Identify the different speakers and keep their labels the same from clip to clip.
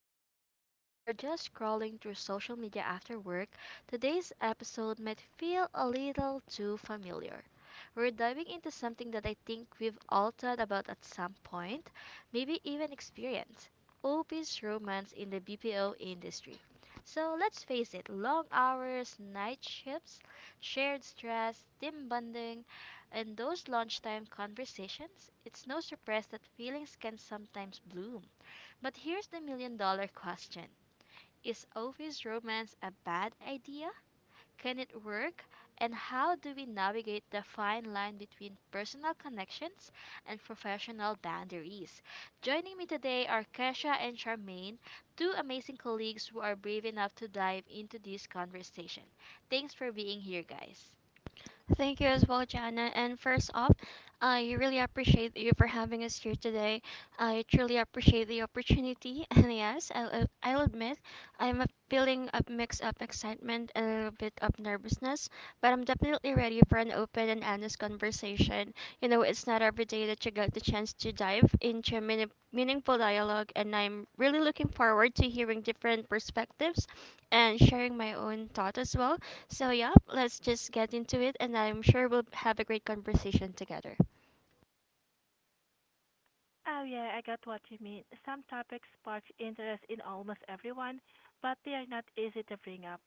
Speaker 1: next shift, or just scrolling through social media after work, today's episode might feel a little too familiar. We're diving into something that I think we've all thought about at some point, maybe even experienced OP's romance in the BPO industry. So let's face it, long hours, night shifts, shared stress, team bonding, and those lunchtime conversations. It's no surprise that feelings can sometimes bloom. But here's the million-dollar question: is OP's romance a bad idea? Can it work? And how do we navigate the fine line between personal connections and professional boundaries? Joining me today are Kesha and Charmaine, two amazing colleagues who are brave enough to dive into this conversation. Thanks for being here, guys.
Speaker 2: Thank you as well, Jana. And first off, I really appreciate you for having us here today. I truly appreciate the opportunity. And yes, I'll admit feeling a mix of excitement and a little bit of nervousness, but I'm definitely ready for an open and honest conversation. You know, it's not every day that you get the chance to dive into a meaningful dialogue, and I'm really looking forward to hearing different perspectives and sharing my own thought as well. So, yeah, let's just get into it, and I'm sure we'll have a great conversation together.
Speaker 3: Oh, yeah, I got what you mean. Some topics spark interest in almost everyone, but they are not easy to bring up.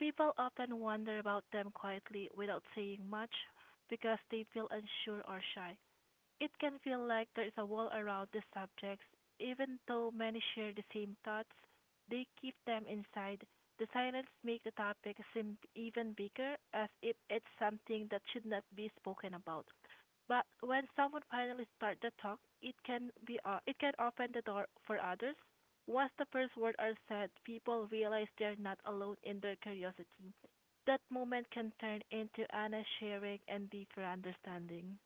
Speaker 3: People often wonder about them quietly without saying much because they feel unsure or shy. It can feel like there is a wall around the subjects, even though many share the same thoughts, they keep them inside. The silence makes the topic seem even bigger, as if it's something that should not be spoken about. But when someone finally starts the talk, it can open the door for others. Once the first words are said, people realize they're not alone in their curiosity. That moment can turn into honest sharing and deeper understanding.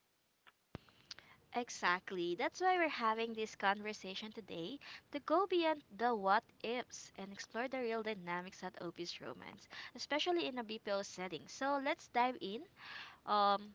Speaker 1: Exactly. That's why we're having this conversation today, to go beyond the what ifs and explore the real dynamics at OP's romance, especially in a BPO setting. So let's dive in. Um,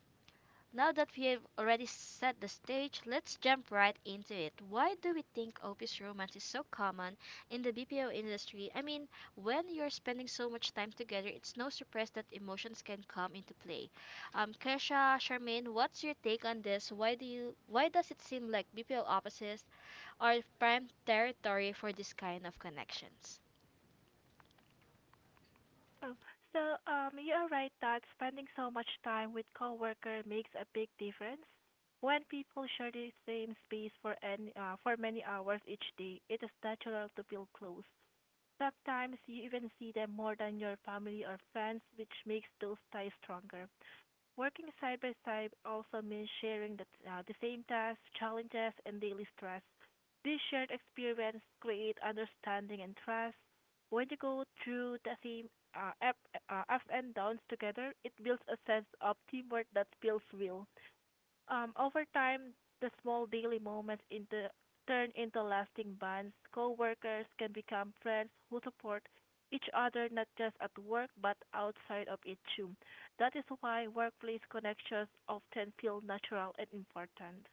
Speaker 1: Now that we have already set the stage, let's jump right into it. Why do we think office romance is so common in the BPO industry? I mean, when you're spending so much time together, it's no surprise that emotions can come into play. Kesha, Charmaine, what's your take on this? Why do you why does it seem like BPO offices are prime territory for this kind of connections?
Speaker 3: Oh, so you're right that spending so much time with coworker makes a big difference. When people share the same space for any for many hours each day, it is natural to feel close. Sometimes you even see them more than your family or friends, which makes those ties stronger. Working side by side also means sharing the same tasks, challenges, and daily stress. This shared experience create understanding and trust. When you go through the same uh, up, ups and downs together, it builds a sense of teamwork that feels real. Over time, the small daily moments into turn into lasting bonds. Coworkers can become friends who support each other not just at work but outside of it too. That is why workplace connections often feel natural and important.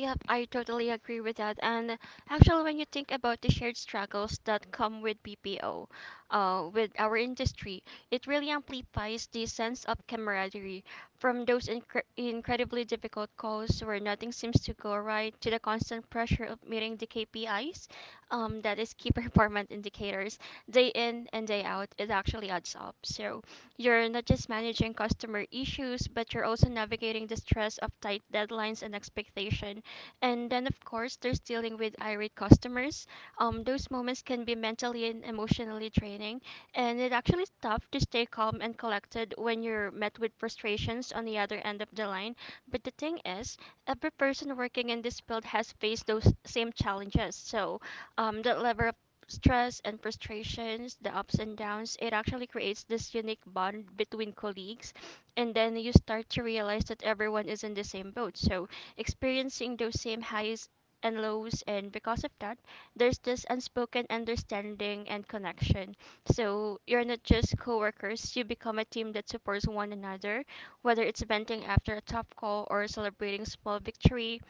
Speaker 2: Yep, I totally agree with that. And actually, when you think about the shared struggles that come with BPO, with our industry, it really amplifies the sense of camaraderie from those incredibly difficult calls where nothing seems to go right to the constant pressure of meeting the KPIs, that is key performance indicators, day in and day out. It actually adds up. So you're not just managing customer issues, but you're also navigating the stress of tight deadlines and expectation and then, of course, there's dealing with irate customers. Those moments can be mentally and emotionally draining, and it actually is tough to stay calm and collected when you're met with frustrations on the other end of the line. But the thing is, every person working in this field has faced those same challenges. So, that level of stress and frustrations, the ups and downs, it actually creates this unique bond between colleagues. And then you start to realize that everyone is in the same boat. So experiencing those same highs and lows. And because of that, there's this unspoken understanding and connection. So you're not just coworkers, you become a team that supports one another, whether it's venting after a tough call or celebrating small victory.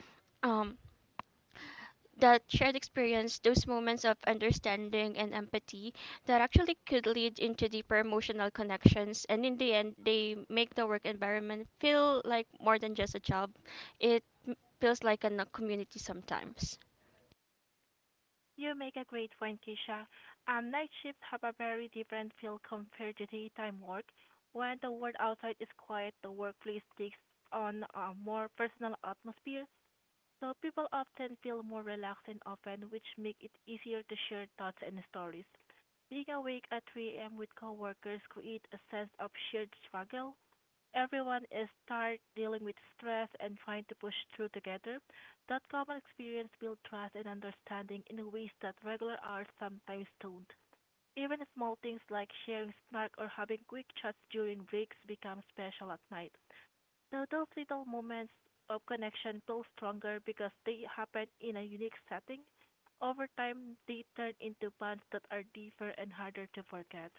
Speaker 2: Um, that shared experience, those moments of understanding and empathy that actually could lead into deeper emotional connections. And in the end, they make the work environment feel like more than just a job. Feels like a community sometimes.
Speaker 3: You make a great point, Kisha. Night shifts have a very different feel compared to daytime work. When the world outside is quiet, the workplace takes on a more personal atmosphere. So people often feel more relaxed and open, which make it easier to share thoughts and stories. Being awake at 3 a.m. with coworkers create a sense of shared struggle. Everyone is tired, dealing with stress, and trying to push through together. That common experience builds trust and understanding in ways that regular hours sometimes don't. Even small things like sharing snacks or having quick chats during breaks become special at night. So those little moments of connection build stronger because they happen in a unique setting. Over time, they turn into bonds that are deeper and harder to forget.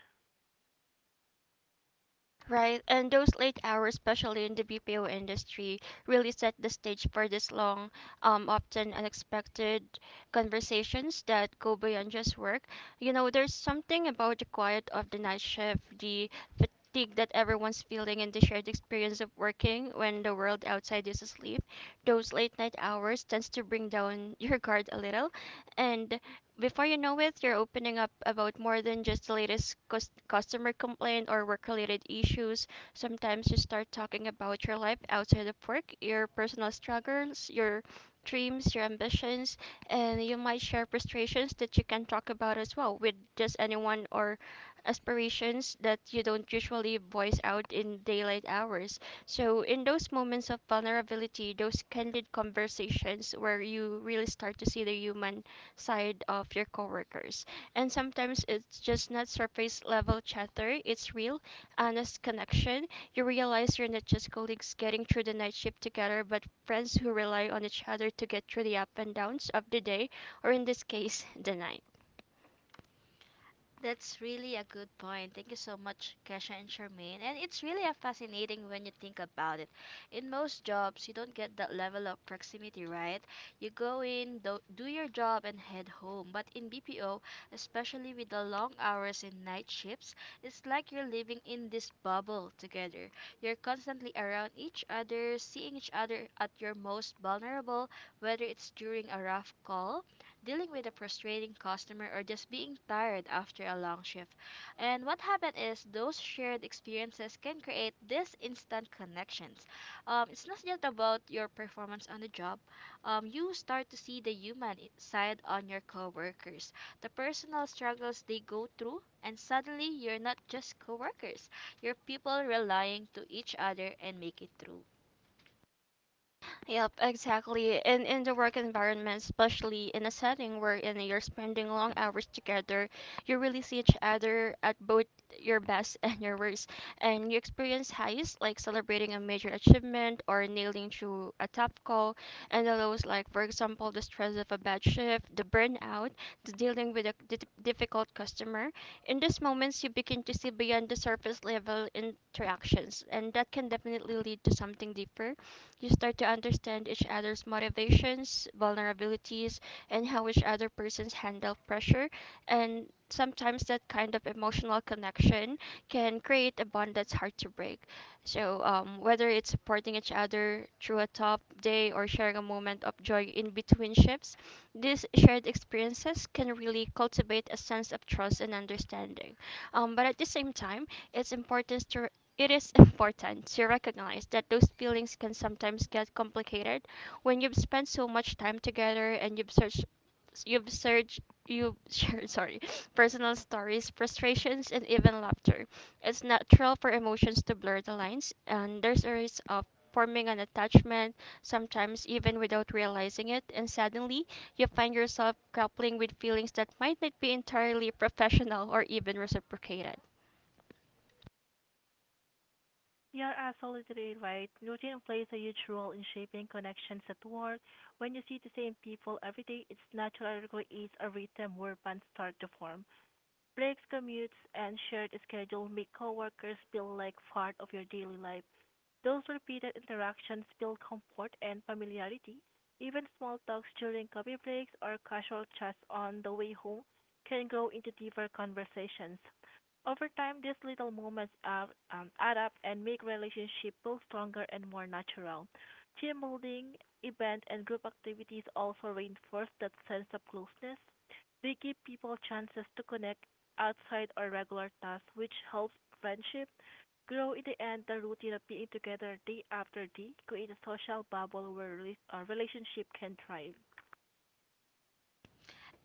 Speaker 2: Right, and those late hours, especially in the BPO industry, really set the stage for these long, often unexpected conversations that go beyond just work. You know, there's something about the quiet of the night shift, the fatigue that everyone's feeling, and the shared experience of working when the world outside is asleep. Those late night hours tends to bring down your guard a little, and before you know it, you're opening up about more than just the latest customer complaint or work related issues. Sometimes you start talking about your life outside of work, your personal struggles, your dreams, your ambitions, and you might share frustrations that you can talk about as well with just anyone or aspirations that you don't usually voice out in daylight hours. So, in those moments of vulnerability, those candid conversations where you really start to see the human side of your coworkers. And sometimes it's just not surface level chatter, it's real, honest connection. You realize you're not just colleagues getting through the night shift together, but friends who rely on each other to get through the up and downs of the day, or in this case, the night.
Speaker 1: That's really a good point. Thank you so much, Kesha and Charmaine. And it's really a fascinating when you think about it. In most jobs, you don't get that level of proximity, right? You go in, do your job, and head home. But in BPO, especially with the long hours and night shifts, it's like you're living in this bubble together. You're constantly around each other, seeing each other at your most vulnerable, whether it's during a rough call dealing with a frustrating customer, or just being tired after a long shift. And what happened is those shared experiences can create these instant connections. It's not just about your performance on the job. You start to see the human side on your coworkers, the personal struggles they go through, and suddenly you're not just coworkers. You're people relying to each other and make it through.
Speaker 2: Yep, exactly. And in the work environment, especially in a setting wherein you're spending long hours together, you really see each other at both your best and your worst. And you experience highs like celebrating a major achievement or nailing through a tough call, and the lows like, for example, the stress of a bad shift, the burnout, the dealing with a difficult customer. In these moments, you begin to see beyond the surface level interactions, and that can definitely lead to something deeper you start to understand each other's motivations, vulnerabilities, and how each other persons handle pressure. And sometimes that kind of emotional connection can create a bond that's hard to break. So, whether it's supporting each other through a tough day or sharing a moment of joy in between shifts, these shared experiences can really cultivate a sense of trust and understanding. But at the same time, it's important to it is important to recognize that those feelings can sometimes get complicated when you've spent so much time together and You've searched, you've sorry, personal stories, frustrations, and even laughter. It's natural for emotions to blur the lines, and there's a risk of forming an attachment, sometimes even without realizing it, and suddenly you find yourself grappling with feelings that might not be entirely professional or even reciprocated.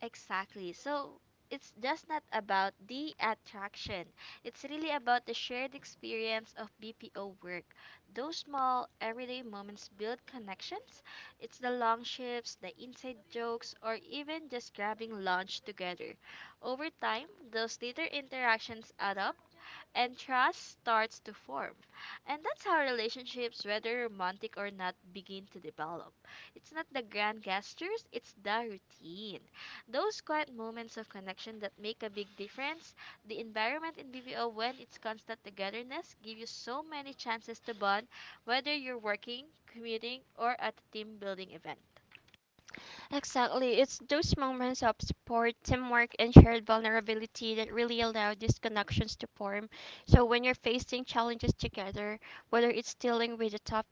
Speaker 1: Exactly. So it's just not about the attraction. It's really about the shared experience of BPO work. Those small everyday moments build connections. It's the long shifts, the inside jokes, or even just grabbing lunch together. Over time, those little interactions add up and trust starts to form. And that's how relationships, whether romantic or not, begin to develop. It's not the grand gestures, it's the routine. Those quiet moments of connection that make a big difference. The environment in BBO, when it's constant togetherness, give you so many chances to bond, whether you're working, commuting, or at a team building event.
Speaker 2: Exactly. It's those moments of support, teamwork, and shared vulnerability that really allow these connections to form. So when you're facing challenges together, whether it's dealing with a tough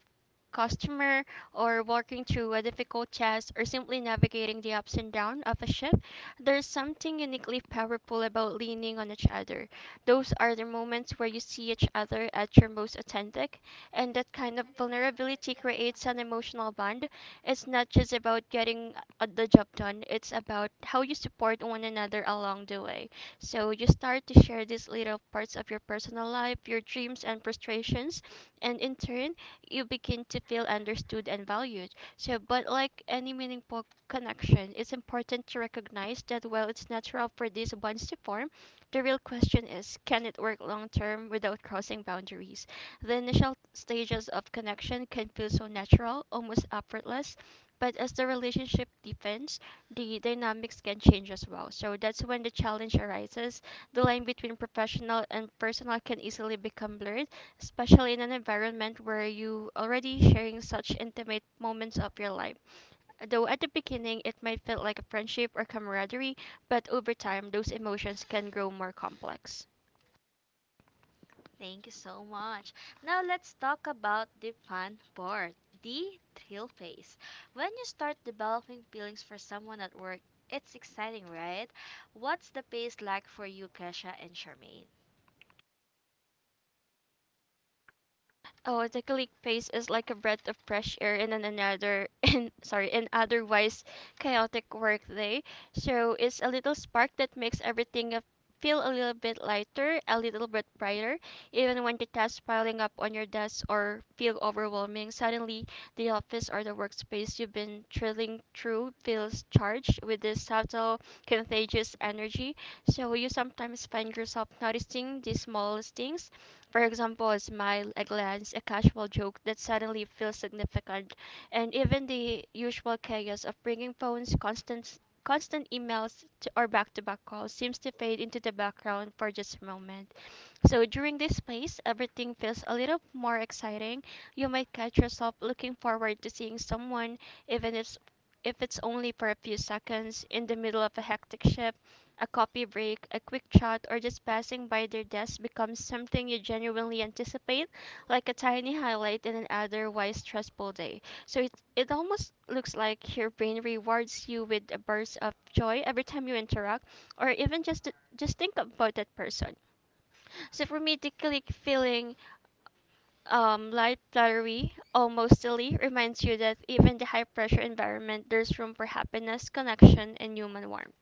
Speaker 2: customer or working through a difficult test, or simply navigating the ups and downs of a ship, there's something uniquely powerful about leaning on each other. Those are the moments where you see each other at your most authentic, and that kind of vulnerability creates an emotional bond it's not just about getting the job done, it's about how you support one another along the way. So you start to share these little parts of your personal life, your dreams and frustrations, and in turn, you begin to feel understood and valued. So, but like any meaningful connection, it's important to recognize that while it's natural for these bonds to form, the real question is can it work long term without crossing boundaries? The initial stages of connection can feel so natural, almost effortless, but as the relationship deepens, the dynamics can change as well. So that's when the challenge arises. The line between professional and personal can easily become blurred, especially in an environment where you already sharing such intimate moments of your life though at the beginning it might feel like a friendship or camaraderie, but over time those emotions can grow more complex.
Speaker 1: Thank you so much. Now let's talk about the fun part, the thrill phase. When you start developing feelings for someone at work, it's exciting, right? What's the pace like for you, Kesha and Charmaine?
Speaker 2: Oh, the click phase is like a breath of fresh air in an another in sorry, an otherwise chaotic workday. So it's a little spark that makes everything feel a little bit lighter, a little bit brighter, even when the tasks piling up on your desk or feel overwhelming. Suddenly, the office or the workspace you've been thrilling through feels charged with this subtle, contagious energy. So you sometimes find yourself noticing these smallest things for example, a smile, a glance, a casual joke that suddenly feels significant, and even the usual chaos of bringing phones, constant emails to, or back-to-back calls seems to fade into the background for just a moment. So during this phase, everything feels a little more exciting. You might catch yourself looking forward to seeing someone, even if it's only for a few seconds in the middle of a hectic shift a coffee break, a quick chat, or just passing by their desk becomes something you genuinely anticipate, like a tiny highlight in an otherwise stressful day. So it almost looks like your brain rewards you with a burst of joy every time you interact, or even just think about that person. So for me, tickly feeling light, fluttery, almost silly reminds you that even the high pressure environment, there's room for happiness, connection, and human warmth.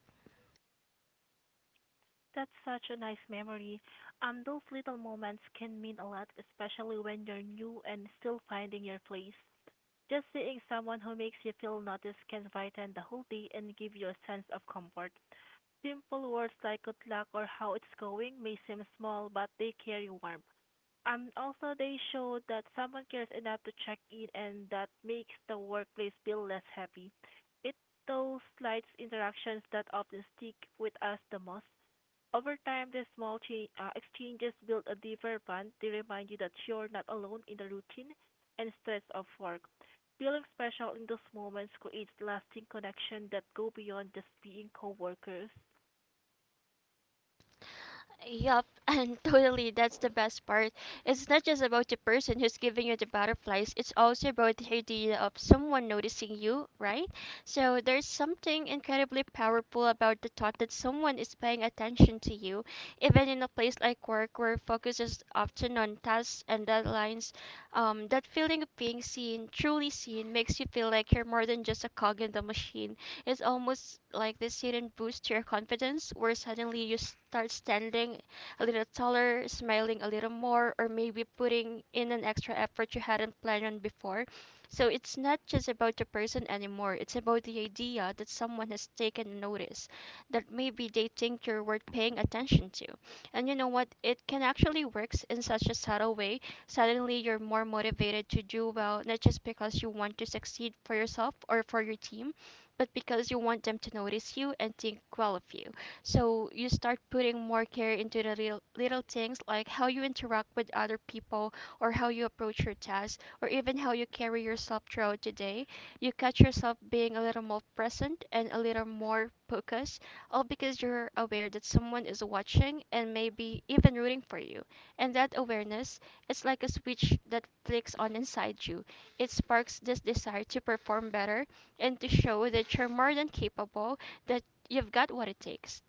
Speaker 2: Yup, and totally, that's the best part. It's not just about the person who's giving you the butterflies, it's also about the idea of someone noticing you, right? So there's something incredibly powerful about the thought that someone is paying attention to you, even in a place like work where focus is often on tasks and deadlines. That feeling of being seen, truly seen, makes you feel like you're more than just a cog in the machine. It's almost like this hidden boost to your confidence where suddenly you start standing a little taller, smiling a little more, or maybe putting in an extra effort you hadn't planned on before. So it's not just about the person anymore, it's about the idea that someone has taken notice, that maybe they think you're worth paying attention to. And you know what? It can actually works in such a subtle way. Suddenly you're more motivated to do well, not just because you want to succeed for yourself or for your team, but because you want them to notice you and think well of you. So you start putting more care into the real, little things like how you interact with other people or how you approach your tasks or even how you carry yourself throughout the day you catch yourself being a little more present and a little more focused, all because you're aware that someone is watching and maybe even rooting for you. And that awareness is like a switch that flicks on inside you. It sparks this desire to perform better and to show that you're more than capable, that you've got what it takes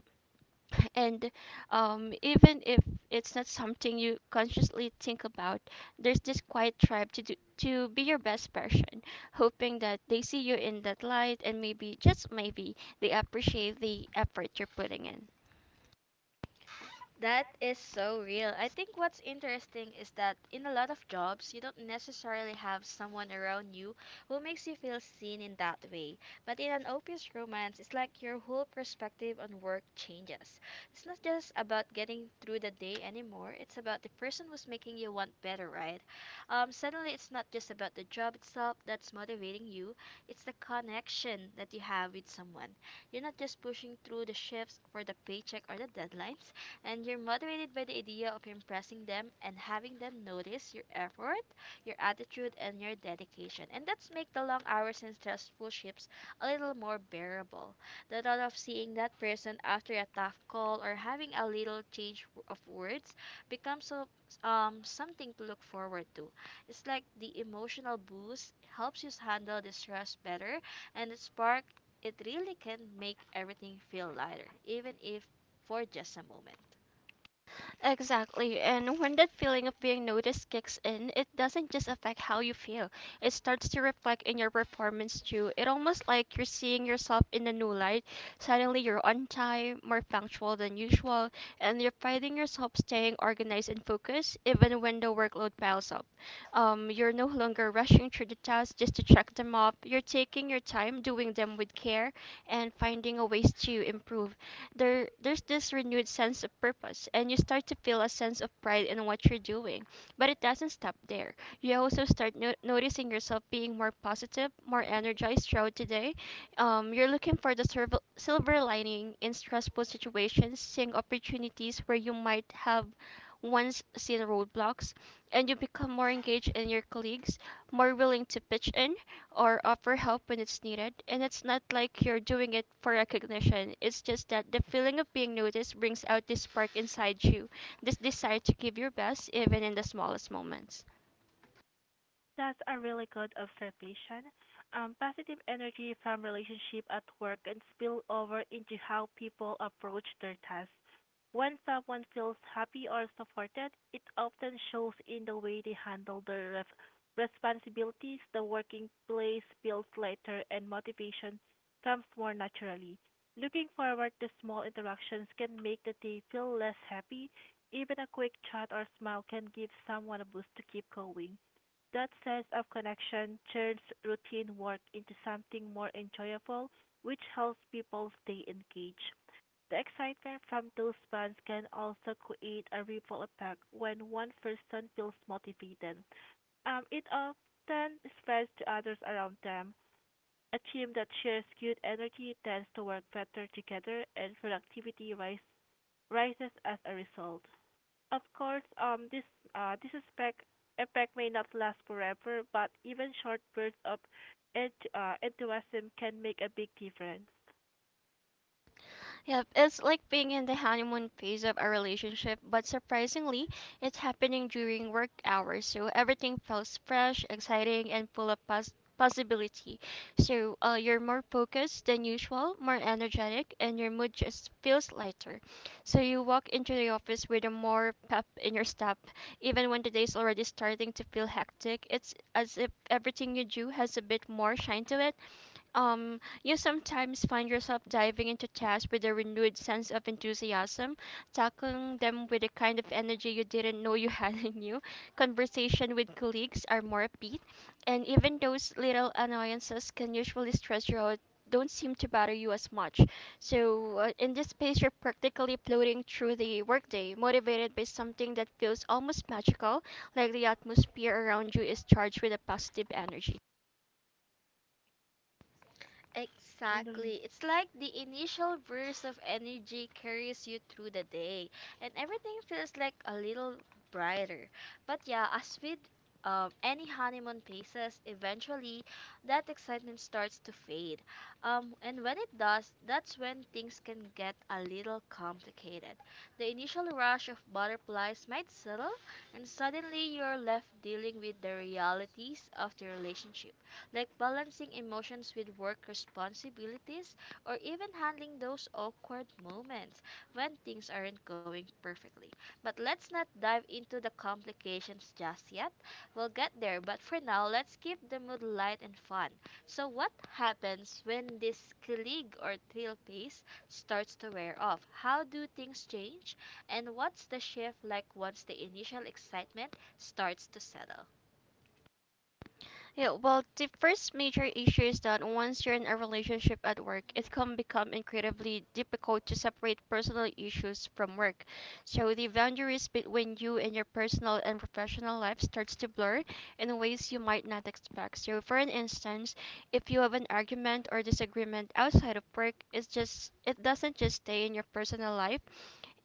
Speaker 2: and even if it's not something you consciously think about, there's this quiet drive to do to be your best version, hoping that they see you in that light and maybe, just maybe, they appreciate the effort you're putting in.
Speaker 1: That is so real. I think what's interesting is that in a lot of jobs, you don't necessarily have someone around you who makes you feel seen in that way. But in an OPS romance, it's like your whole perspective on work changes. It's not just about getting through the day anymore, it's about the person who's making you want better, right? Suddenly, it's not just about the job itself that's motivating you, it's the connection that you You're have with someone. You're not just pushing through the shifts for the paycheck or the deadlines, and you're motivated by the idea of impressing them and having them notice your effort, your attitude, and your dedication. And that's make the long hours and stressful shifts a little more bearable. The thought of seeing that person after a tough call or having a little change of words becomes something to look forward to. It's like the emotional boost helps you handle the stress better, and the spark, it really can make everything feel lighter, even if for just a moment.
Speaker 2: Exactly. And when that feeling of being noticed kicks in, it doesn't just affect how you feel. It starts to reflect in your performance too. It almost like you're seeing yourself in a new light. Suddenly you're on time, more punctual than usual, and you're finding yourself staying organized and focused even when the workload piles up. You're no longer rushing through the tasks just to check them off. You're taking your time, doing them with care, and finding a ways to improve. There's this renewed sense of purpose, and you start to feel a sense of pride in what you're doing. But it doesn't stop there. You also start noticing yourself being more positive, more energized throughout the day. You're looking for the silver lining in stressful situations, seeing opportunities where you might have once seen roadblocks. And you become more engaged in your colleagues, more willing to pitch in or offer help when it's needed. And it's not like you're doing it for recognition. It's just that the feeling of being noticed brings out this spark inside you, this desire to give your best even in the smallest moments. Yep, it's like being in the honeymoon phase of a relationship, but surprisingly, it's happening during work hours, so everything feels fresh, exciting, and full of possibility. So you're more focused than usual, more energetic, and your mood just feels lighter. So you walk into the office with a more pep in your step, even when the day's already starting to feel hectic. It's as if everything you do has a bit more shine to it. You sometimes find yourself diving into tasks with a renewed sense of enthusiasm, tackling them with a kind of energy you didn't know you had in you. Conversation with colleagues are more upbeat, and even those little annoyances can usually stress you out don't seem to bother you as much. So, in this space, you're practically floating through the workday, motivated by something that feels almost magical, like the atmosphere around you is charged with a positive energy.
Speaker 1: Exactly. It's like the initial burst of energy carries you through the day, and everything feels like a little brighter. But yeah, as with any honeymoon phases, eventually that excitement starts to fade. And when it does, that's when things can get a little complicated. The initial rush of butterflies might settle, and suddenly you're left dealing with the realities of the relationship, like balancing emotions with work responsibilities or even handling those awkward moments when things aren't going perfectly. But let's not dive into the complications just yet. We'll get there, but for now, let's keep the mood light and fun. So, what happens when this kilig or thrill pace starts to wear off? How do things change? And what's the shift like once the initial excitement starts to settle?
Speaker 2: Yeah, well, the first major issue is that once you're in a relationship at work, it can become incredibly difficult to separate personal issues from work. So the boundaries between you and your personal and professional life starts to blur in ways you might not expect. So for an instance, if you have an argument or disagreement outside of work, it doesn't just stay in your personal life,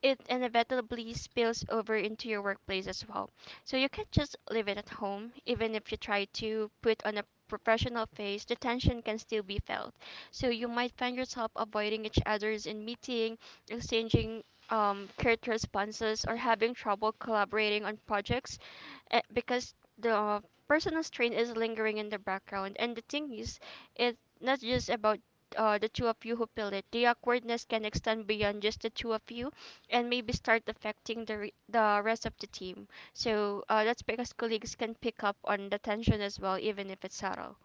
Speaker 2: it inevitably spills over into your workplace as well. So you can't just leave it at home. Even if you try to put on a professional face, the tension can still be felt. So you might find yourself avoiding each other's in meeting, exchanging curt responses, or having trouble collaborating on projects, because the personal strain is lingering in the background. And the thing is, it's not just about the two of you who feel it. The awkwardness can extend beyond just the two of you and maybe start affecting the rest of the team. So that's because colleagues can pick up on the tension as well, even if it's subtle.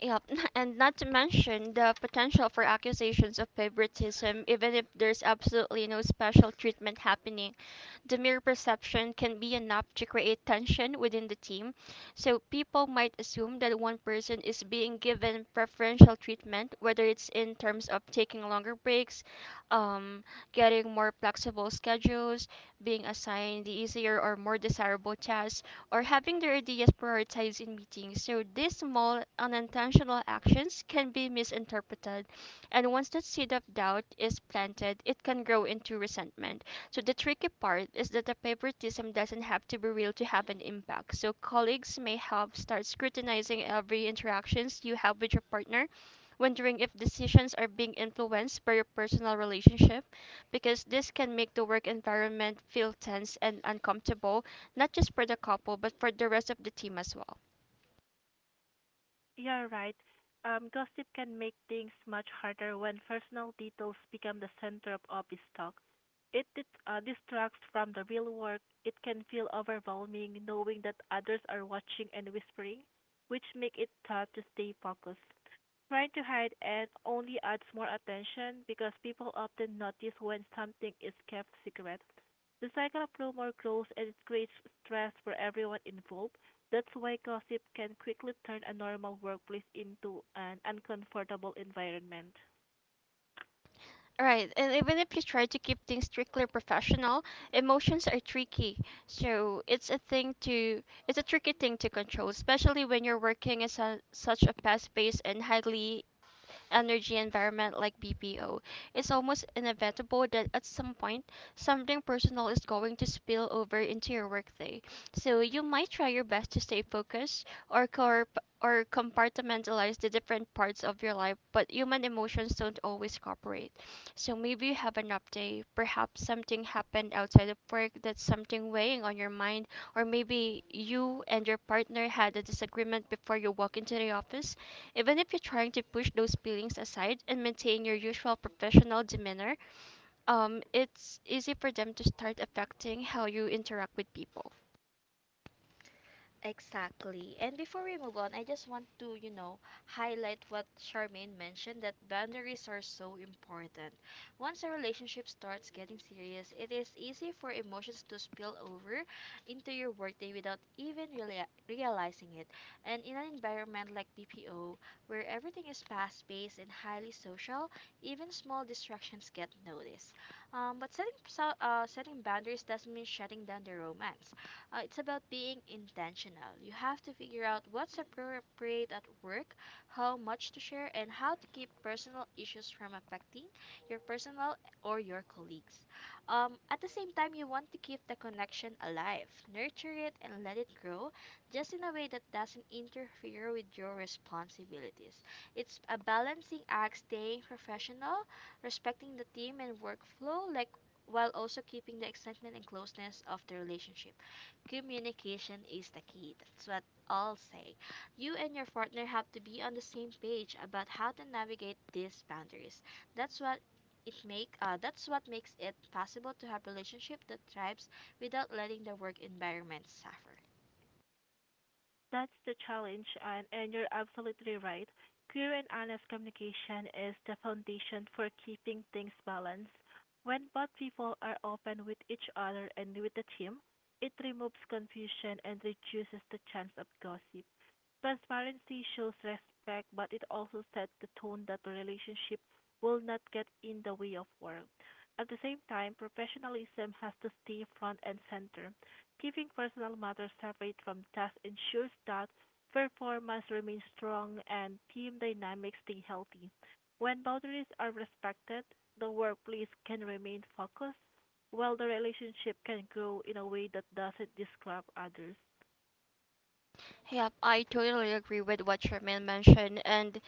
Speaker 2: Yep, and not to mention the potential for accusations of favoritism, even if there's absolutely no special treatment happening. The mere perception can be enough to create tension within the team, so people might assume that one person is being given preferential treatment, whether it's in terms of taking longer breaks, um, getting more flexible schedules, being assigned the easier or more desirable tasks, or having their ideas prioritized in meetings. So these small unintentional actions can be misinterpreted, and once that seed of doubt is planted, it can grow into resentment. So the tricky part is that the favoritism doesn't have to be real to have an impact. So colleagues may help start scrutinizing every interactions you have with your partner, wondering if decisions are being influenced by your personal relationship, because this can make the work environment feel tense and uncomfortable, not just for the couple, but for the rest of the team as well. Right, and even if you try to keep things strictly professional, emotions are tricky. So it's a tricky thing to control, especially when you're working in such a fast-paced and highly energy environment like BPO, it's almost inevitable that at some point something personal is going to spill over into your workday. So you might try your best to stay focused or compartmentalize the different parts of your life, but human emotions don't always cooperate. So maybe you have an up day, perhaps something happened outside of work that's something weighing on your mind, or maybe you and your partner had a disagreement before you walk into the office. Even if you're trying to push those feelings aside and maintain your usual professional demeanor, it's easy for them to start affecting how you interact with people.
Speaker 1: Exactly. And before we move on, I just want to, you know, highlight what Charmaine mentioned, that boundaries are so important. Once a relationship starts getting serious, it is easy for emotions to spill over into your workday without even realizing it. And in an environment like BPO, where everything is fast-paced and highly social, even small distractions get noticed. But setting boundaries doesn't mean shutting down the romance. It's about being intentional. You have to figure out what's appropriate at work, how much to share, and how to keep personal issues from affecting your personal or your colleagues. At the same time, you want to keep the connection alive, nurture it, and let it grow, just in a way that doesn't interfere with your responsibilities. It's a balancing act, staying professional, respecting the team and workflow, like while also keeping the excitement and closeness of the relationship. Communication is the key. That's what all say. You and your partner have to be on the same page about how to navigate these boundaries. That's what that's what makes it possible to have relationship that thrives without letting the work environment suffer.
Speaker 2: Yep, I totally agree with what Charmaine mentioned. And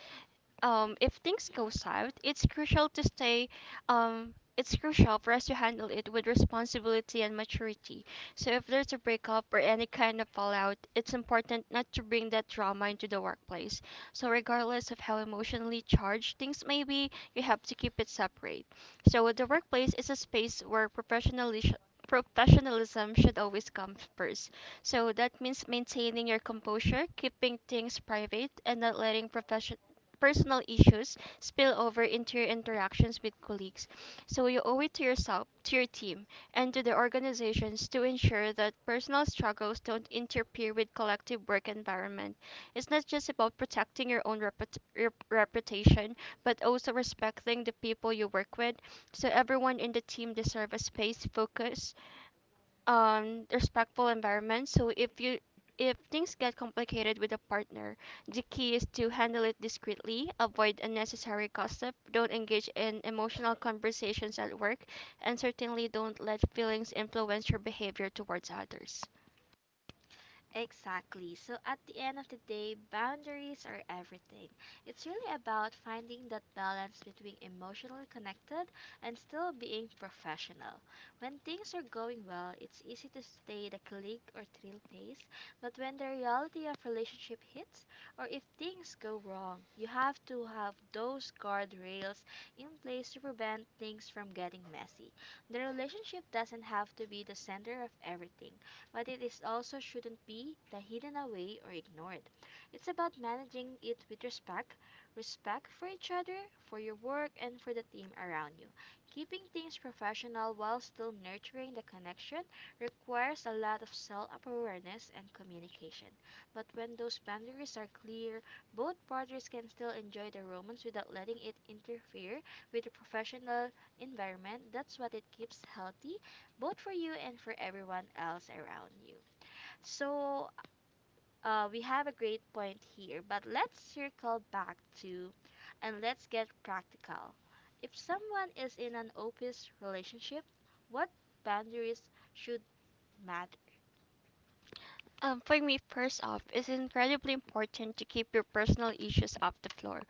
Speaker 2: if things go south, it's crucial to stay, it's crucial for us to handle it with responsibility and maturity. So if there's a breakup or any kind of fallout, it's important not to bring that trauma into the workplace. So regardless of how emotionally charged things may be, you have to keep it separate. So the workplace is a space where professionalism should always come first. So that means maintaining your composure, keeping things private, and not letting profession personal issues spill over into your interactions with colleagues. So you owe it to yourself, to your team, and to the organizations to ensure that personal struggles don't interfere with collective work environment. It's not just about protecting your own reputation, but also respecting the people you work with. So everyone in the team deserves a space, focus, respectful environment. So if things get complicated with a partner, the key is to handle it discreetly, avoid unnecessary gossip, don't engage in emotional conversations at work, and certainly don't let feelings influence your behavior towards others.
Speaker 1: Exactly. So at the end of the day, boundaries are everything. It's really about finding that balance between emotionally connected and still being professional. When things are going well, it's easy to stay the colleague or thrill pace, but when the reality of relationship hits or if things go wrong, you have to have those guardrails in place to prevent things from getting messy. The relationship doesn't have to be the center of everything, but it is also shouldn't be the hidden away or ignored. It's about managing it with respect, respect for each other, for your work, and for the team around you. Keeping things professional while still nurturing the connection requires a lot of self awareness and communication. But when those boundaries are clear, both parties can still enjoy the romance without letting it interfere with the professional environment. That's what it keeps healthy, both for you and for everyone else around you. So, we have a great point here, but let's circle back to and let's get practical. If someone is in an opus relationship, what boundaries should matter?
Speaker 2: For me, first off, it's incredibly important to keep your personal issues off the floor.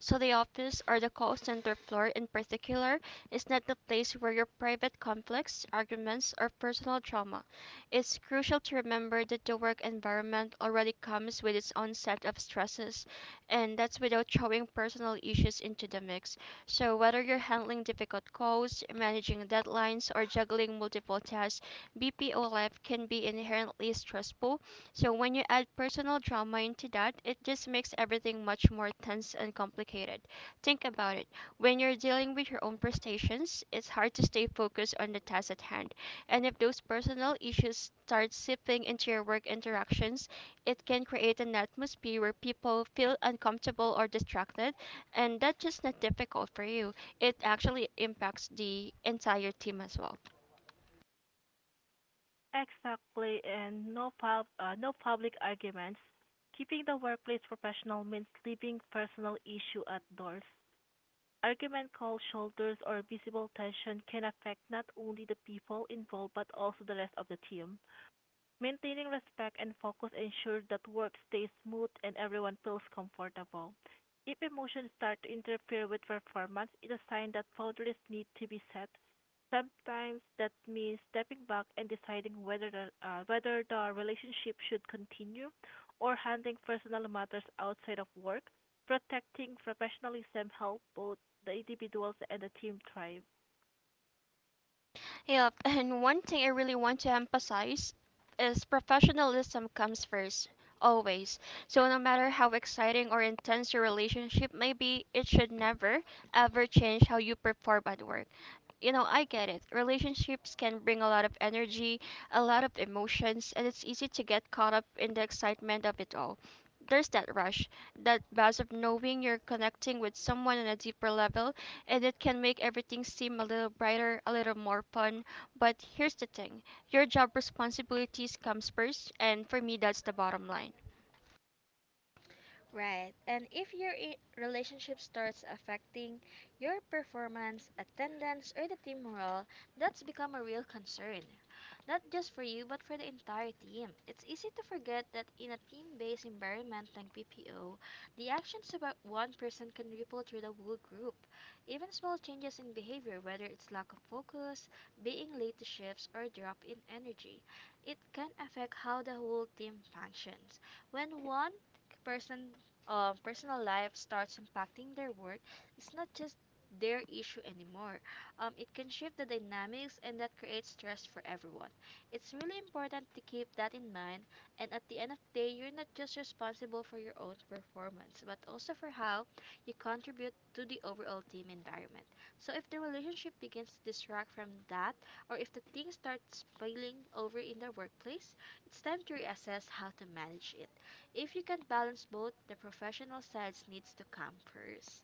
Speaker 2: So, the office or the call center floor in particular is not the place where your private conflicts, arguments, or personal trauma. It's crucial to remember that the work environment already comes with its own set of stresses, and that's without throwing personal issues into the mix. So, whether you're handling difficult calls, managing deadlines, or juggling multiple tasks, BPO life can be inherently stressful. So when you add personal drama into that, it just makes everything much more tense and complicated. Think about it. When you're dealing with your own frustrations, it's hard to stay focused on the task at hand. And if those personal issues start seeping into your work interactions, it can create an atmosphere where people feel uncomfortable or distracted, and that's just not difficult for you. It actually impacts the entire team as well. Yep, and one thing I really want to emphasize is professionalism comes first, always. So, no matter how exciting or intense your relationship may be, it should never, ever change how you perform at work. You know, I get it. Relationships can bring a lot of energy, a lot of emotions, and it's easy to get caught up in the excitement of it all. There's that rush, that buzz of knowing you're connecting with someone on a deeper level, and it can make everything seem a little brighter, a little more fun. But here's the thing, your job responsibilities comes first, and for me, that's the bottom line.
Speaker 1: Right. And if your relationship starts affecting your performance, attendance, or the team morale, that's become a real concern. Not just for you, but for the entire team. It's easy to forget that in a team based environment like PPO, the actions of one person can ripple through the whole group. Even small changes in behavior, whether it's lack of focus, being late to shifts, or drop in energy, it can affect how the whole team functions. When one person personal life starts impacting their work, it's not just their issue anymore. It can shift the dynamics and that creates stress for everyone. It's really important to keep that in mind, and at the end of the day, you're not just responsible for your own performance, but also for how you contribute to the overall team environment. So if the relationship begins to distract from that, or if the thing starts spilling over in the workplace, it's time to reassess how to manage it. If you can balance both, the professional sides needs to come first.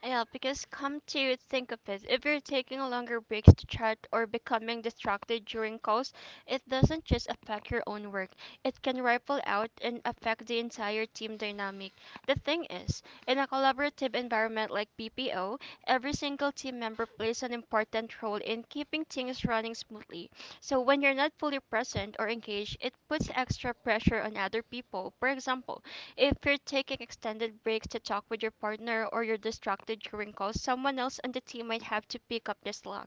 Speaker 2: Yeah, because come to think of it, if you're taking longer breaks to chat or becoming distracted during calls, it doesn't just affect your own work. It can ripple out and affect the entire team dynamic. The thing is, in a collaborative environment like BPO, every single team member plays an important role in keeping things running smoothly. So when you're not fully present or engaged, it puts extra pressure on other people. For example, if you're taking extended breaks to talk with your partner or you're distracted during calls, someone else on the team might have to pick up the slack,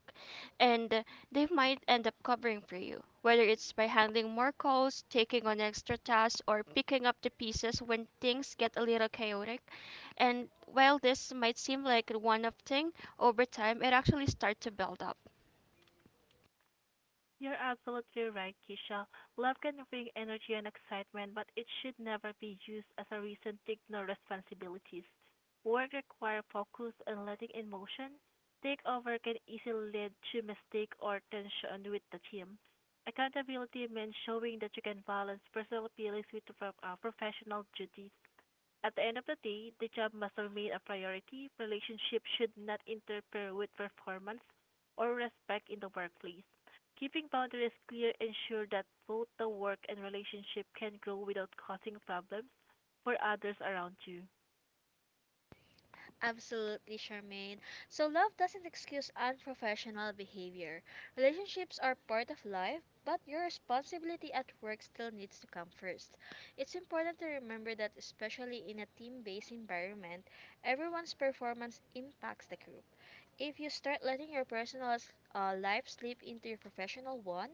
Speaker 2: and they might end up covering for you. Whether it's by handling more calls, taking on extra tasks, or picking up the pieces when things get a little chaotic. And while this might seem like a one off thing, over time it actually starts to build up.
Speaker 1: Absolutely, Charmaine. So, love doesn't excuse unprofessional behavior. Relationships are part of life, but your responsibility at work still needs to come first. It's important to remember that, especially in a team based environment, everyone's performance impacts the group. If you start letting your life slip into your professional one,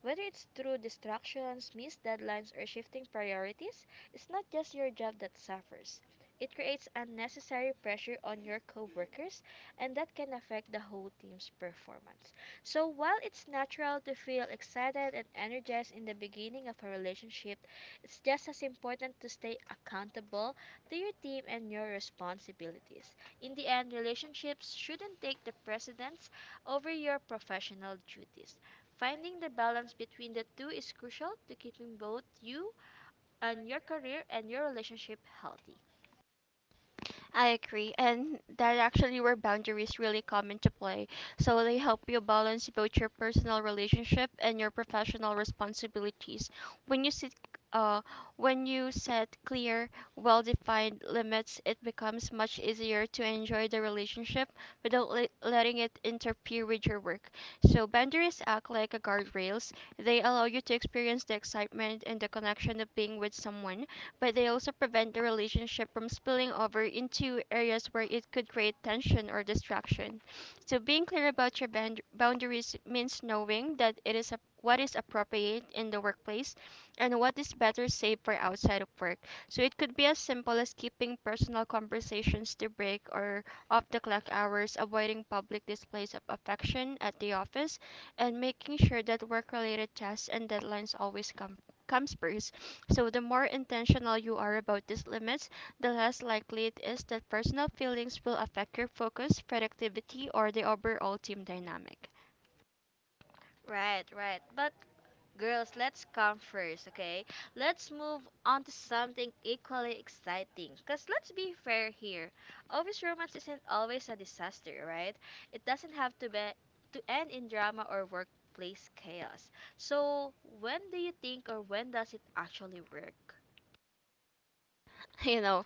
Speaker 1: whether it's through distractions, missed deadlines, or shifting priorities, it's not just your job that suffers. It creates unnecessary pressure on your coworkers, and that can affect the whole team's performance. So, while it's natural to feel excited and energized in the beginning of a relationship, it's just as important to stay accountable to your team and your responsibilities. In the end, relationships shouldn't take the precedence over your professional duties. Finding the balance between the two is crucial to keeping both you and your career and your relationship healthy.
Speaker 2: I agree, and that actually where boundaries really come into play. So they help you balance both your personal relationship and your professional responsibilities. When you sit, uh, when you set clear, well-defined limits, it becomes much easier to enjoy the relationship without letting it interfere with your work. So boundaries act like a guardrails. They allow you to experience the excitement and the connection of being with someone, but they also prevent the relationship from spilling over into areas where it could create tension or distraction. So, being clear about your boundaries means knowing that what is appropriate in the workplace and what is better saved for outside of work. So, it could be as simple as keeping personal conversations to break or off the clock hours, avoiding public displays of affection at the office, and making sure that work related tasks and deadlines always come comes first. So the more intentional you are about these limits, the less likely it is that personal feelings will affect your focus, productivity, or the overall team dynamic.
Speaker 1: Right, right. But girls, let's come first, okay? Let's move on to something equally exciting. Because let's be fair here. Office romance isn't always a disaster, right? It doesn't have to be to end in drama or workplace chaos. So, when do you think or when does it actually work?
Speaker 2: You know,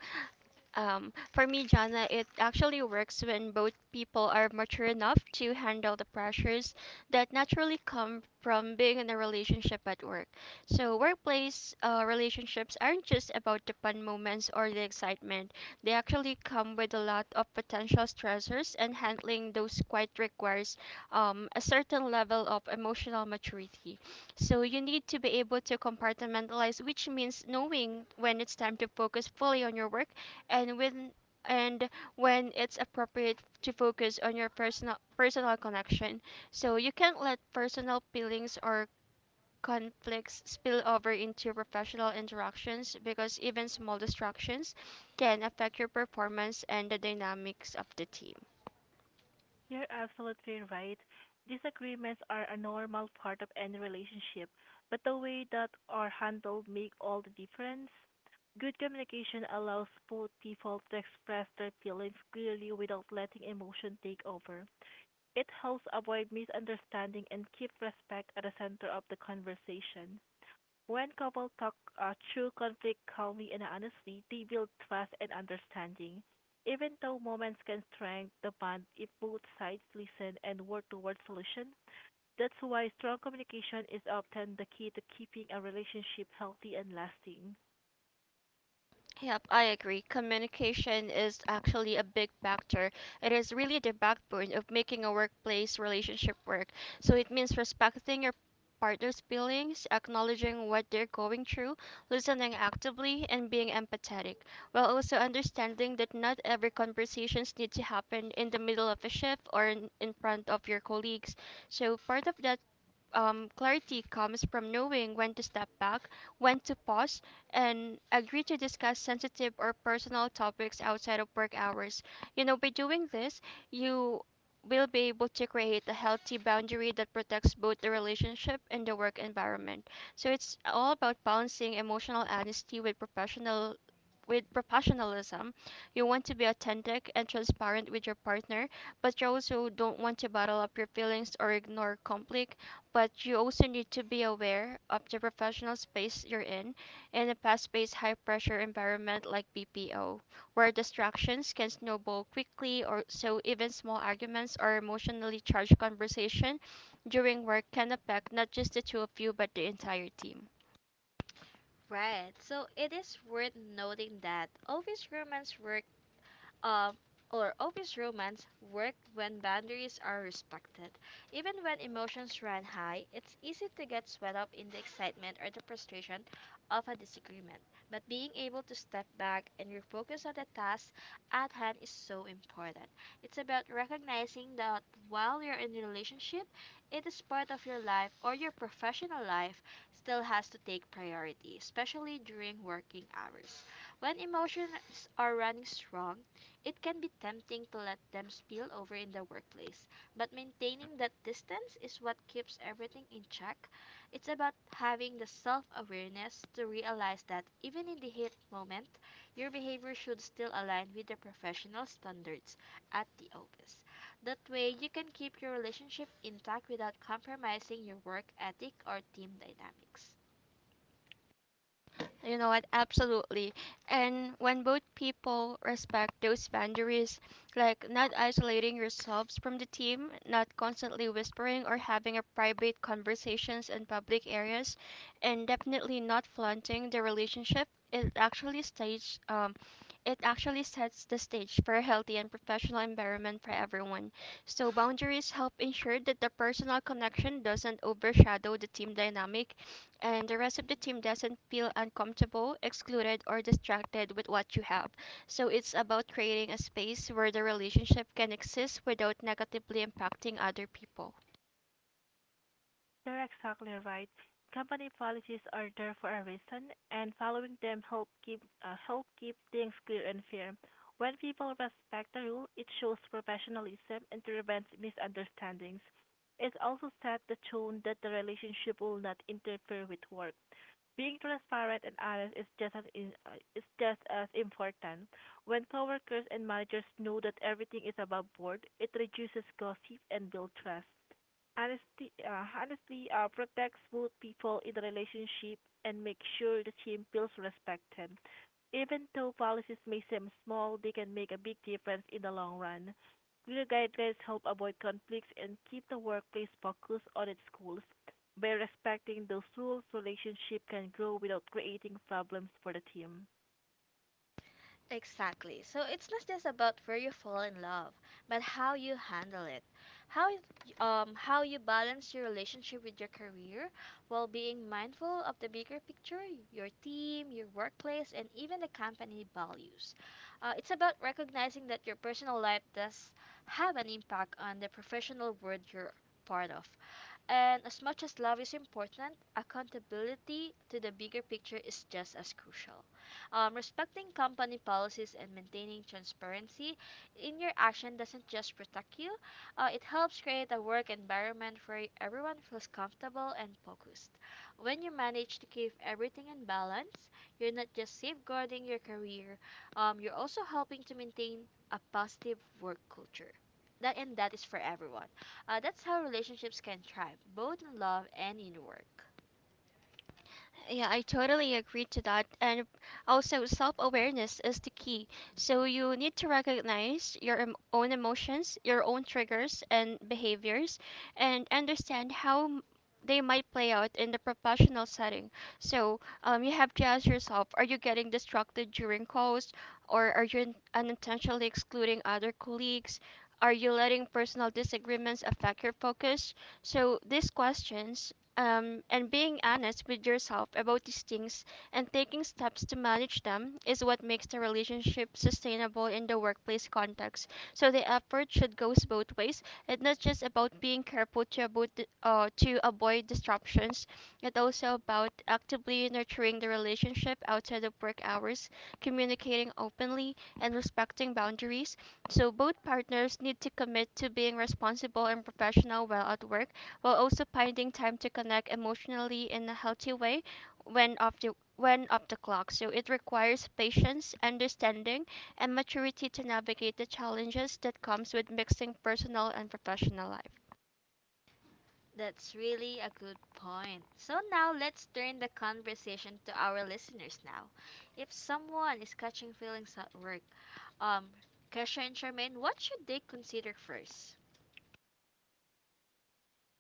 Speaker 2: for me, Jana, it actually works when both people are mature enough to handle the pressures that naturally come from being in a relationship at work. So, workplace relationships aren't just about the fun moments or the excitement. They actually come with a lot of potential stressors, and handling those quite requires a certain level of emotional maturity. So, you need to be able to compartmentalize, which means knowing when it's time to focus fully on your work and when and when it's appropriate to focus on your personal connection, so you can't let personal feelings or conflicts spill over into professional interactions, because even small distractions can affect your performance and the dynamics of the team. Yep, I agree. Communication is actually a big factor. It is really the backbone of making a workplace relationship work. So it means respecting your partner's feelings, acknowledging what they're going through, listening actively, and being empathetic, while also understanding that not every conversations need to happen in the middle of a shift or in front of your colleagues. So part of that clarity comes from knowing when to step back, when to pause, and agree to discuss sensitive or personal topics outside of work hours. You know, by doing this, you will be able to create a healthy boundary that protects both the relationship and the work environment. So it's all about balancing emotional honesty with professional with professionalism. You want to be authentic and transparent with your partner, but you also don't want to bottle up your feelings or ignore conflict, but you also need to be aware of the professional space you're in a fast paced, high pressure environment like BPO, where distractions can snowball quickly, or so even small arguments or emotionally charged conversation during work can affect not just the two of you but the entire team.
Speaker 1: Right. So, it is worth noting that office romance work uh, or office romance work when boundaries are respected. Even when emotions run high, it's easy to get swept up in the excitement or the frustration of a disagreement. But being able to step back and refocus on the task at hand is so important. It's about recognizing that while you're in a relationship, it is part of your life or your professional life still has to take priority, especially during working hours. When emotions are running strong, it can be tempting to let them spill over in the workplace, but maintaining that distance is what keeps everything in check. It's about having the self awareness to realize that even in the heat moment, your behavior should still align with the professional standards at the office. That way, you can keep your relationship intact without compromising your work ethic or team dynamics.
Speaker 2: You know what? Absolutely. And when both people respect those boundaries, like not isolating yourselves from the team, not constantly whispering or having a private conversations in public areas, and definitely not flaunting the relationship, it actually stage um, it actually sets the stage for a healthy and professional environment for everyone. So boundaries help ensure that the personal connection doesn't overshadow the team dynamic and the rest of the team doesn't feel uncomfortable, excluded, or distracted with what you have. So it's about creating a space where the relationship can exist without negatively impacting other people.
Speaker 1: Exactly. So it's not just about where you fall in love, but how you handle it. How how you balance your relationship with your career while being mindful of the bigger picture, your team, your workplace, and even the company values. It's about recognizing that your personal life does have an impact on the professional world you're part of. And as much as love is important, accountability to the bigger picture is just as crucial. Respecting company policies and maintaining transparency in your action doesn't just protect you, it helps create a work environment where everyone feels comfortable and focused. When you manage to keep everything in balance, you're not just safeguarding your career, you're also helping to maintain a positive work culture. That and that is for everyone. That's how relationships can thrive, both in love and in work.
Speaker 2: Yeah, I totally agree to that. And also, self awareness is the key. So, you need to recognize your own emotions, your own triggers and behaviors, and understand they might play out in the professional setting. So, you have to ask yourself, are you getting distracted during calls, or are you unintentionally excluding other colleagues? Are you letting personal disagreements affect your focus? So, these questions, and being honest with yourself about these things and taking steps to manage them, is what makes the relationship sustainable in the workplace context. So the effort should go both ways. It's not just about being careful to avoid disruptions. It's also about actively nurturing the relationship outside of work hours, communicating openly, and respecting boundaries. So both partners need to commit to being responsible and professional while at work, while also finding time to connect emotionally in a healthy way when off the when off the clock. So it requires patience, understanding, and maturity to navigate the challenges that comes with mixing personal and professional life.
Speaker 1: That's really a good point. So now let's turn the conversation to our listeners now. If someone is catching feelings at work, um, Kesha and Charmaine, what should they consider first?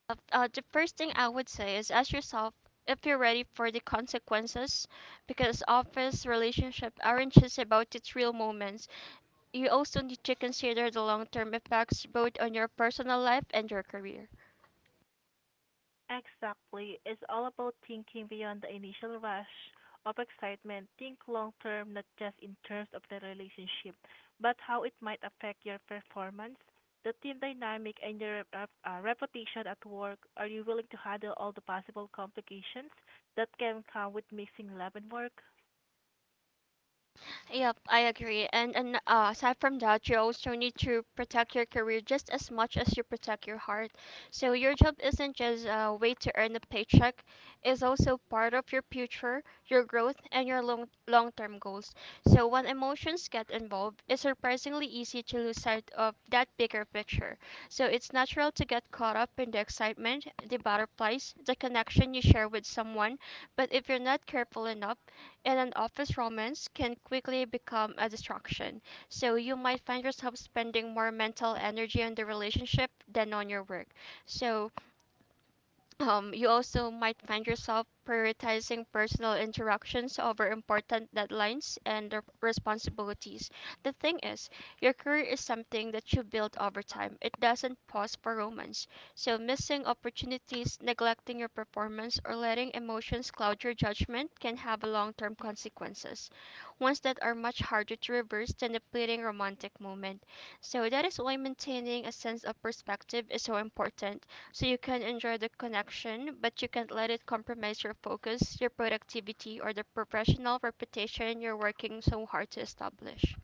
Speaker 2: The first thing I would say is ask yourself if you're ready for the consequences, because office relationships aren't just about the real moments. You also need to consider the long-term effects both on your personal life and your career. Yep, I agree. And aside from that, you also need to protect your career just as much as you protect your heart. So your job isn't just a way to earn a paycheck; it's also part of your future, your growth, and your long-term goals. So when emotions get involved, it's surprisingly easy to lose sight of that bigger picture. So it's natural to get caught up in the excitement, the butterflies, the connection you share with someone. But if you're not careful enough, in an office romance can quickly become a distraction. So you might find yourself spending more mental energy on the relationship than on your work. So you also might find yourself prioritizing personal interactions over important deadlines and the responsibilities. The thing is, your career is something that you build over time. It doesn't pause for romance. So, missing opportunities, neglecting your performance, or letting emotions cloud your judgment can have long term consequences, ones that are much harder to reverse than a fleeting romantic moment. So, that is why maintaining a sense of perspective is so important, so you can enjoy the connection, but you can't let it compromise your focus, your productivity, or the professional reputation you're working so hard to establish.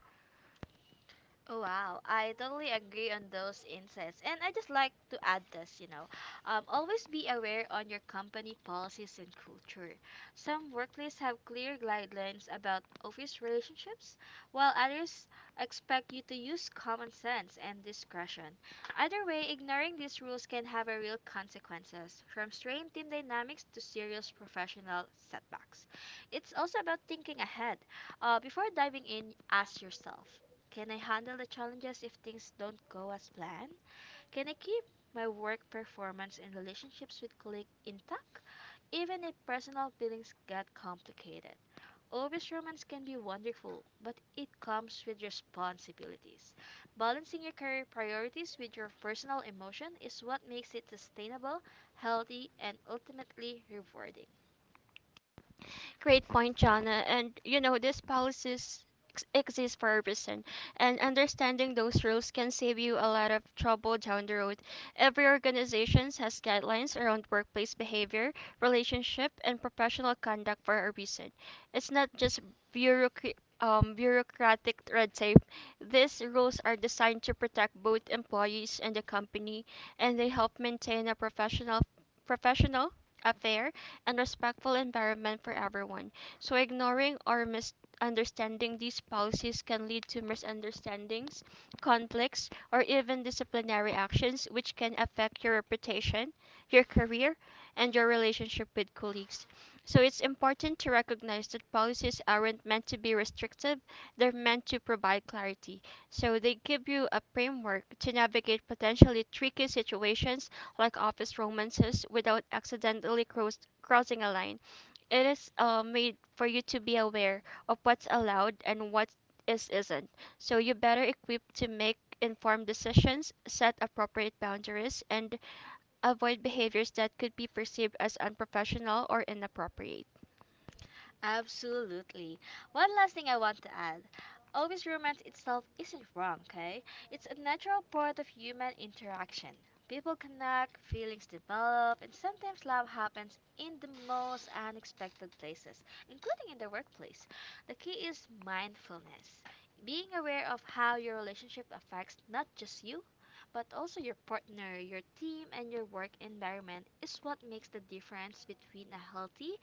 Speaker 1: Oh wow, I totally agree on those insights. And I just like to add this, you know, always be aware on your company policies and culture. Some workplaces have clear guidelines about office relationships, while others expect you to use common sense and discretion. Either way, ignoring these rules can have a real consequences, from strained team dynamics to serious professional setbacks. It's also about thinking ahead. Before diving in, ask yourself, can I handle the challenges if things don't go as planned? Can I keep my work performance and relationships with colleagues intact, even if personal feelings get complicated? Obvious romance can be wonderful, but it comes with responsibilities. Balancing your career priorities with your personal emotion is what makes it sustainable, healthy, and ultimately rewarding.
Speaker 2: Great point, Jana. And you know, these policies exist for a reason, and understanding those rules can save you a lot of trouble down the road. Every organization has guidelines around workplace behavior, relationship, and professional conduct for a reason. It's not just bureaucratic. Bureaucratic red tape. These rules are designed to protect both employees and the company, and they help maintain a professional, a fair, and respectful environment for everyone. So, ignoring or misunderstanding these policies can lead to misunderstandings, conflicts, or even disciplinary actions, which can affect your reputation, your career, and your relationship with colleagues. So, it's important to recognize that policies aren't meant to be restrictive, they're meant to provide clarity. So, they give you a framework to navigate potentially tricky situations like office romances without accidentally crossing a line. It is made for you to be aware of what's allowed and what is isn't. So you better equipped to make informed decisions, set appropriate boundaries, and avoid behaviors that could be perceived as unprofessional or inappropriate.
Speaker 1: Absolutely. One last thing I want to add. Always romance itself isn't wrong, okay? It's a natural part of human interaction. People connect, feelings develop, and sometimes love happens in the most unexpected places, including in the workplace. The key is mindfulness. Being aware of how your relationship affects not just you, but also your partner, your team, and your work environment is what makes the difference between a healthy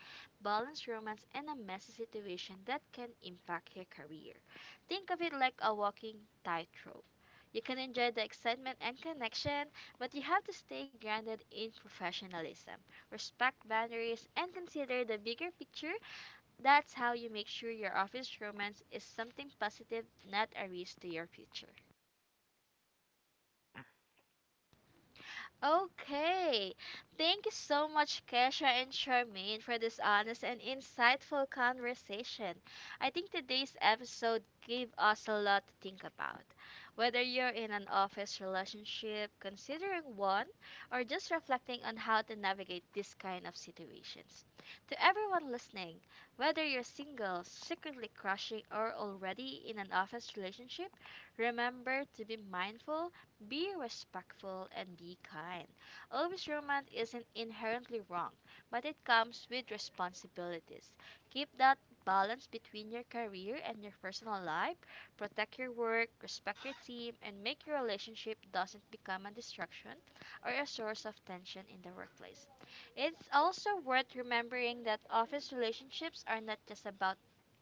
Speaker 1: balance romance and a messy situation that can impact your career. Think of it like a walking tightrope. You can enjoy the excitement and connection, but you have to stay grounded in professionalism, respect boundaries, and consider the bigger picture. That's how you make sure your office romance is something positive, not a risk to your future. Okay. Thank you so much, Kesha and Charmaine, for this honest and insightful conversation. I think today's episode gave us a lot to think about. Whether you're in an office relationship, considering one, or just reflecting on how to navigate this kind of situations. To everyone listening, whether you're single, secretly crushing, or already in an office relationship, remember to be mindful, be respectful, and be kind. Always romance isn't inherently wrong, but it comes with responsibilities. Keep that balance between your career and your personal life. Protect your work, respect your team, and make your relationship doesn't become a distraction or a source of tension in the workplace. It's also worth remembering that office relationships are not just about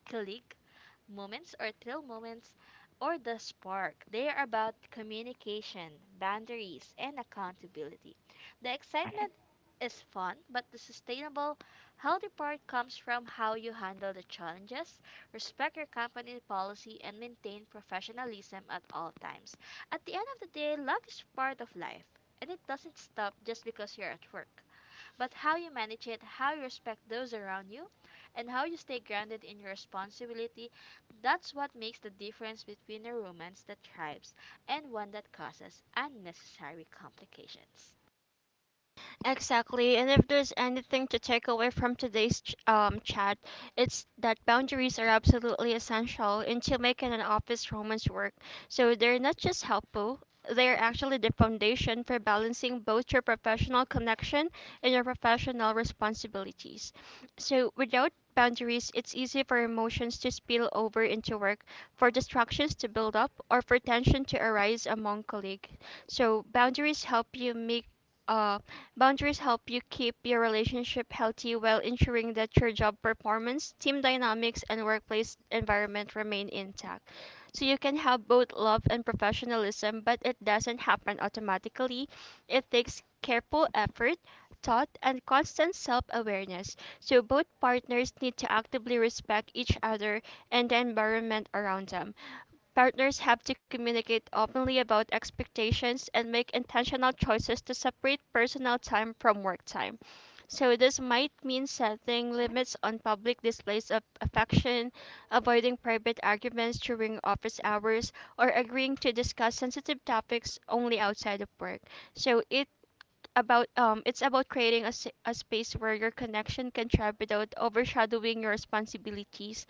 Speaker 1: colleague moments or thrill moments or the spark. They are about communication, boundaries, and accountability. The excitement is fun, but the sustainable, healthy part comes from how you handle the challenges, respect your company policy, and maintain professionalism at all times. At the end of the day, love is part of life, and it doesn't stop just because you're at work, but how you manage it, how you respect those around you, and how you stay grounded in your responsibility, that's what makes the difference between a romance that thrives and one that causes unnecessary complications.
Speaker 2: Exactly. And if there's anything to take away from today's chat, it's that boundaries are absolutely essential into making an office romance work. So they're not just helpful, they are actually the foundation for balancing both your professional connection and your professional responsibilities. So without boundaries, it's easy for emotions to spill over into work, for distractions to build up, or for tension to arise among colleagues. So uh, boundaries help you keep your relationship healthy while ensuring that your job performance, team dynamics, and workplace environment remain intact. So you can have both love and professionalism, but it doesn't happen automatically. It takes careful effort, thought, and constant self awareness. So both partners need to actively respect each other and the environment around them. Partners have to communicate openly about expectations and make intentional choices to separate personal time from work time. So, this might mean setting limits on public displays of affection, avoiding private arguments during office hours, or agreeing to discuss sensitive topics only outside of work. So, it's about creating a space where your connection can thrive without overshadowing your responsibilities,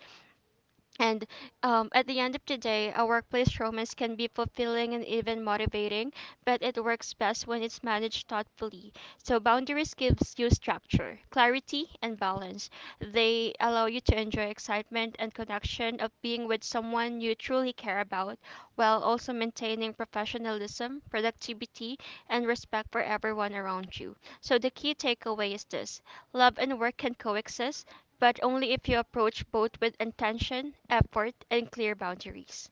Speaker 2: and at the end of the day, a workplace romance can be fulfilling and even motivating, but it works best when it's managed thoughtfully. So boundaries gives you structure, clarity, and balance. They allow you to enjoy excitement and connection of being with someone you truly care about, while also maintaining professionalism, productivity, and respect for everyone around you. So the key takeaway is this: love and work can coexist, but only if you approach both with intention, effort, and clear boundaries.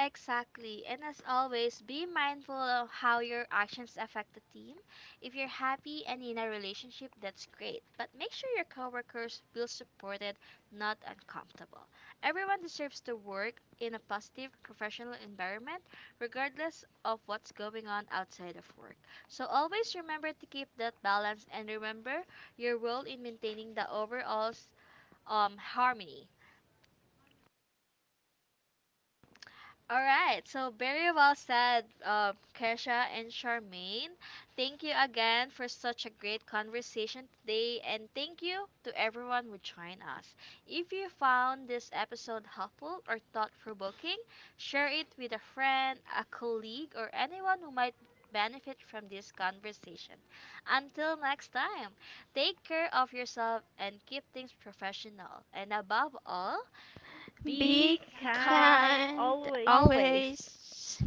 Speaker 1: Exactly. And as always, be mindful of how your actions affect the team. If you're happy and in a relationship, that's great. But make sure your coworkers feel supported, not uncomfortable. Everyone deserves to work in a positive professional environment, regardless of what's going on outside of work. So always remember to keep that balance and remember your role in maintaining the overall harmony. All right, so very well said, Kesha and Charmaine. Thank you again for such a great conversation today, and thank you to everyone who joined us. If you found this episode helpful or thought provoking, share it with a friend, a colleague, or anyone who might benefit from this conversation. Until next time, take care of yourself and keep things professional. And above all,
Speaker 2: Be
Speaker 1: be kind
Speaker 2: kind
Speaker 1: always.
Speaker 2: always.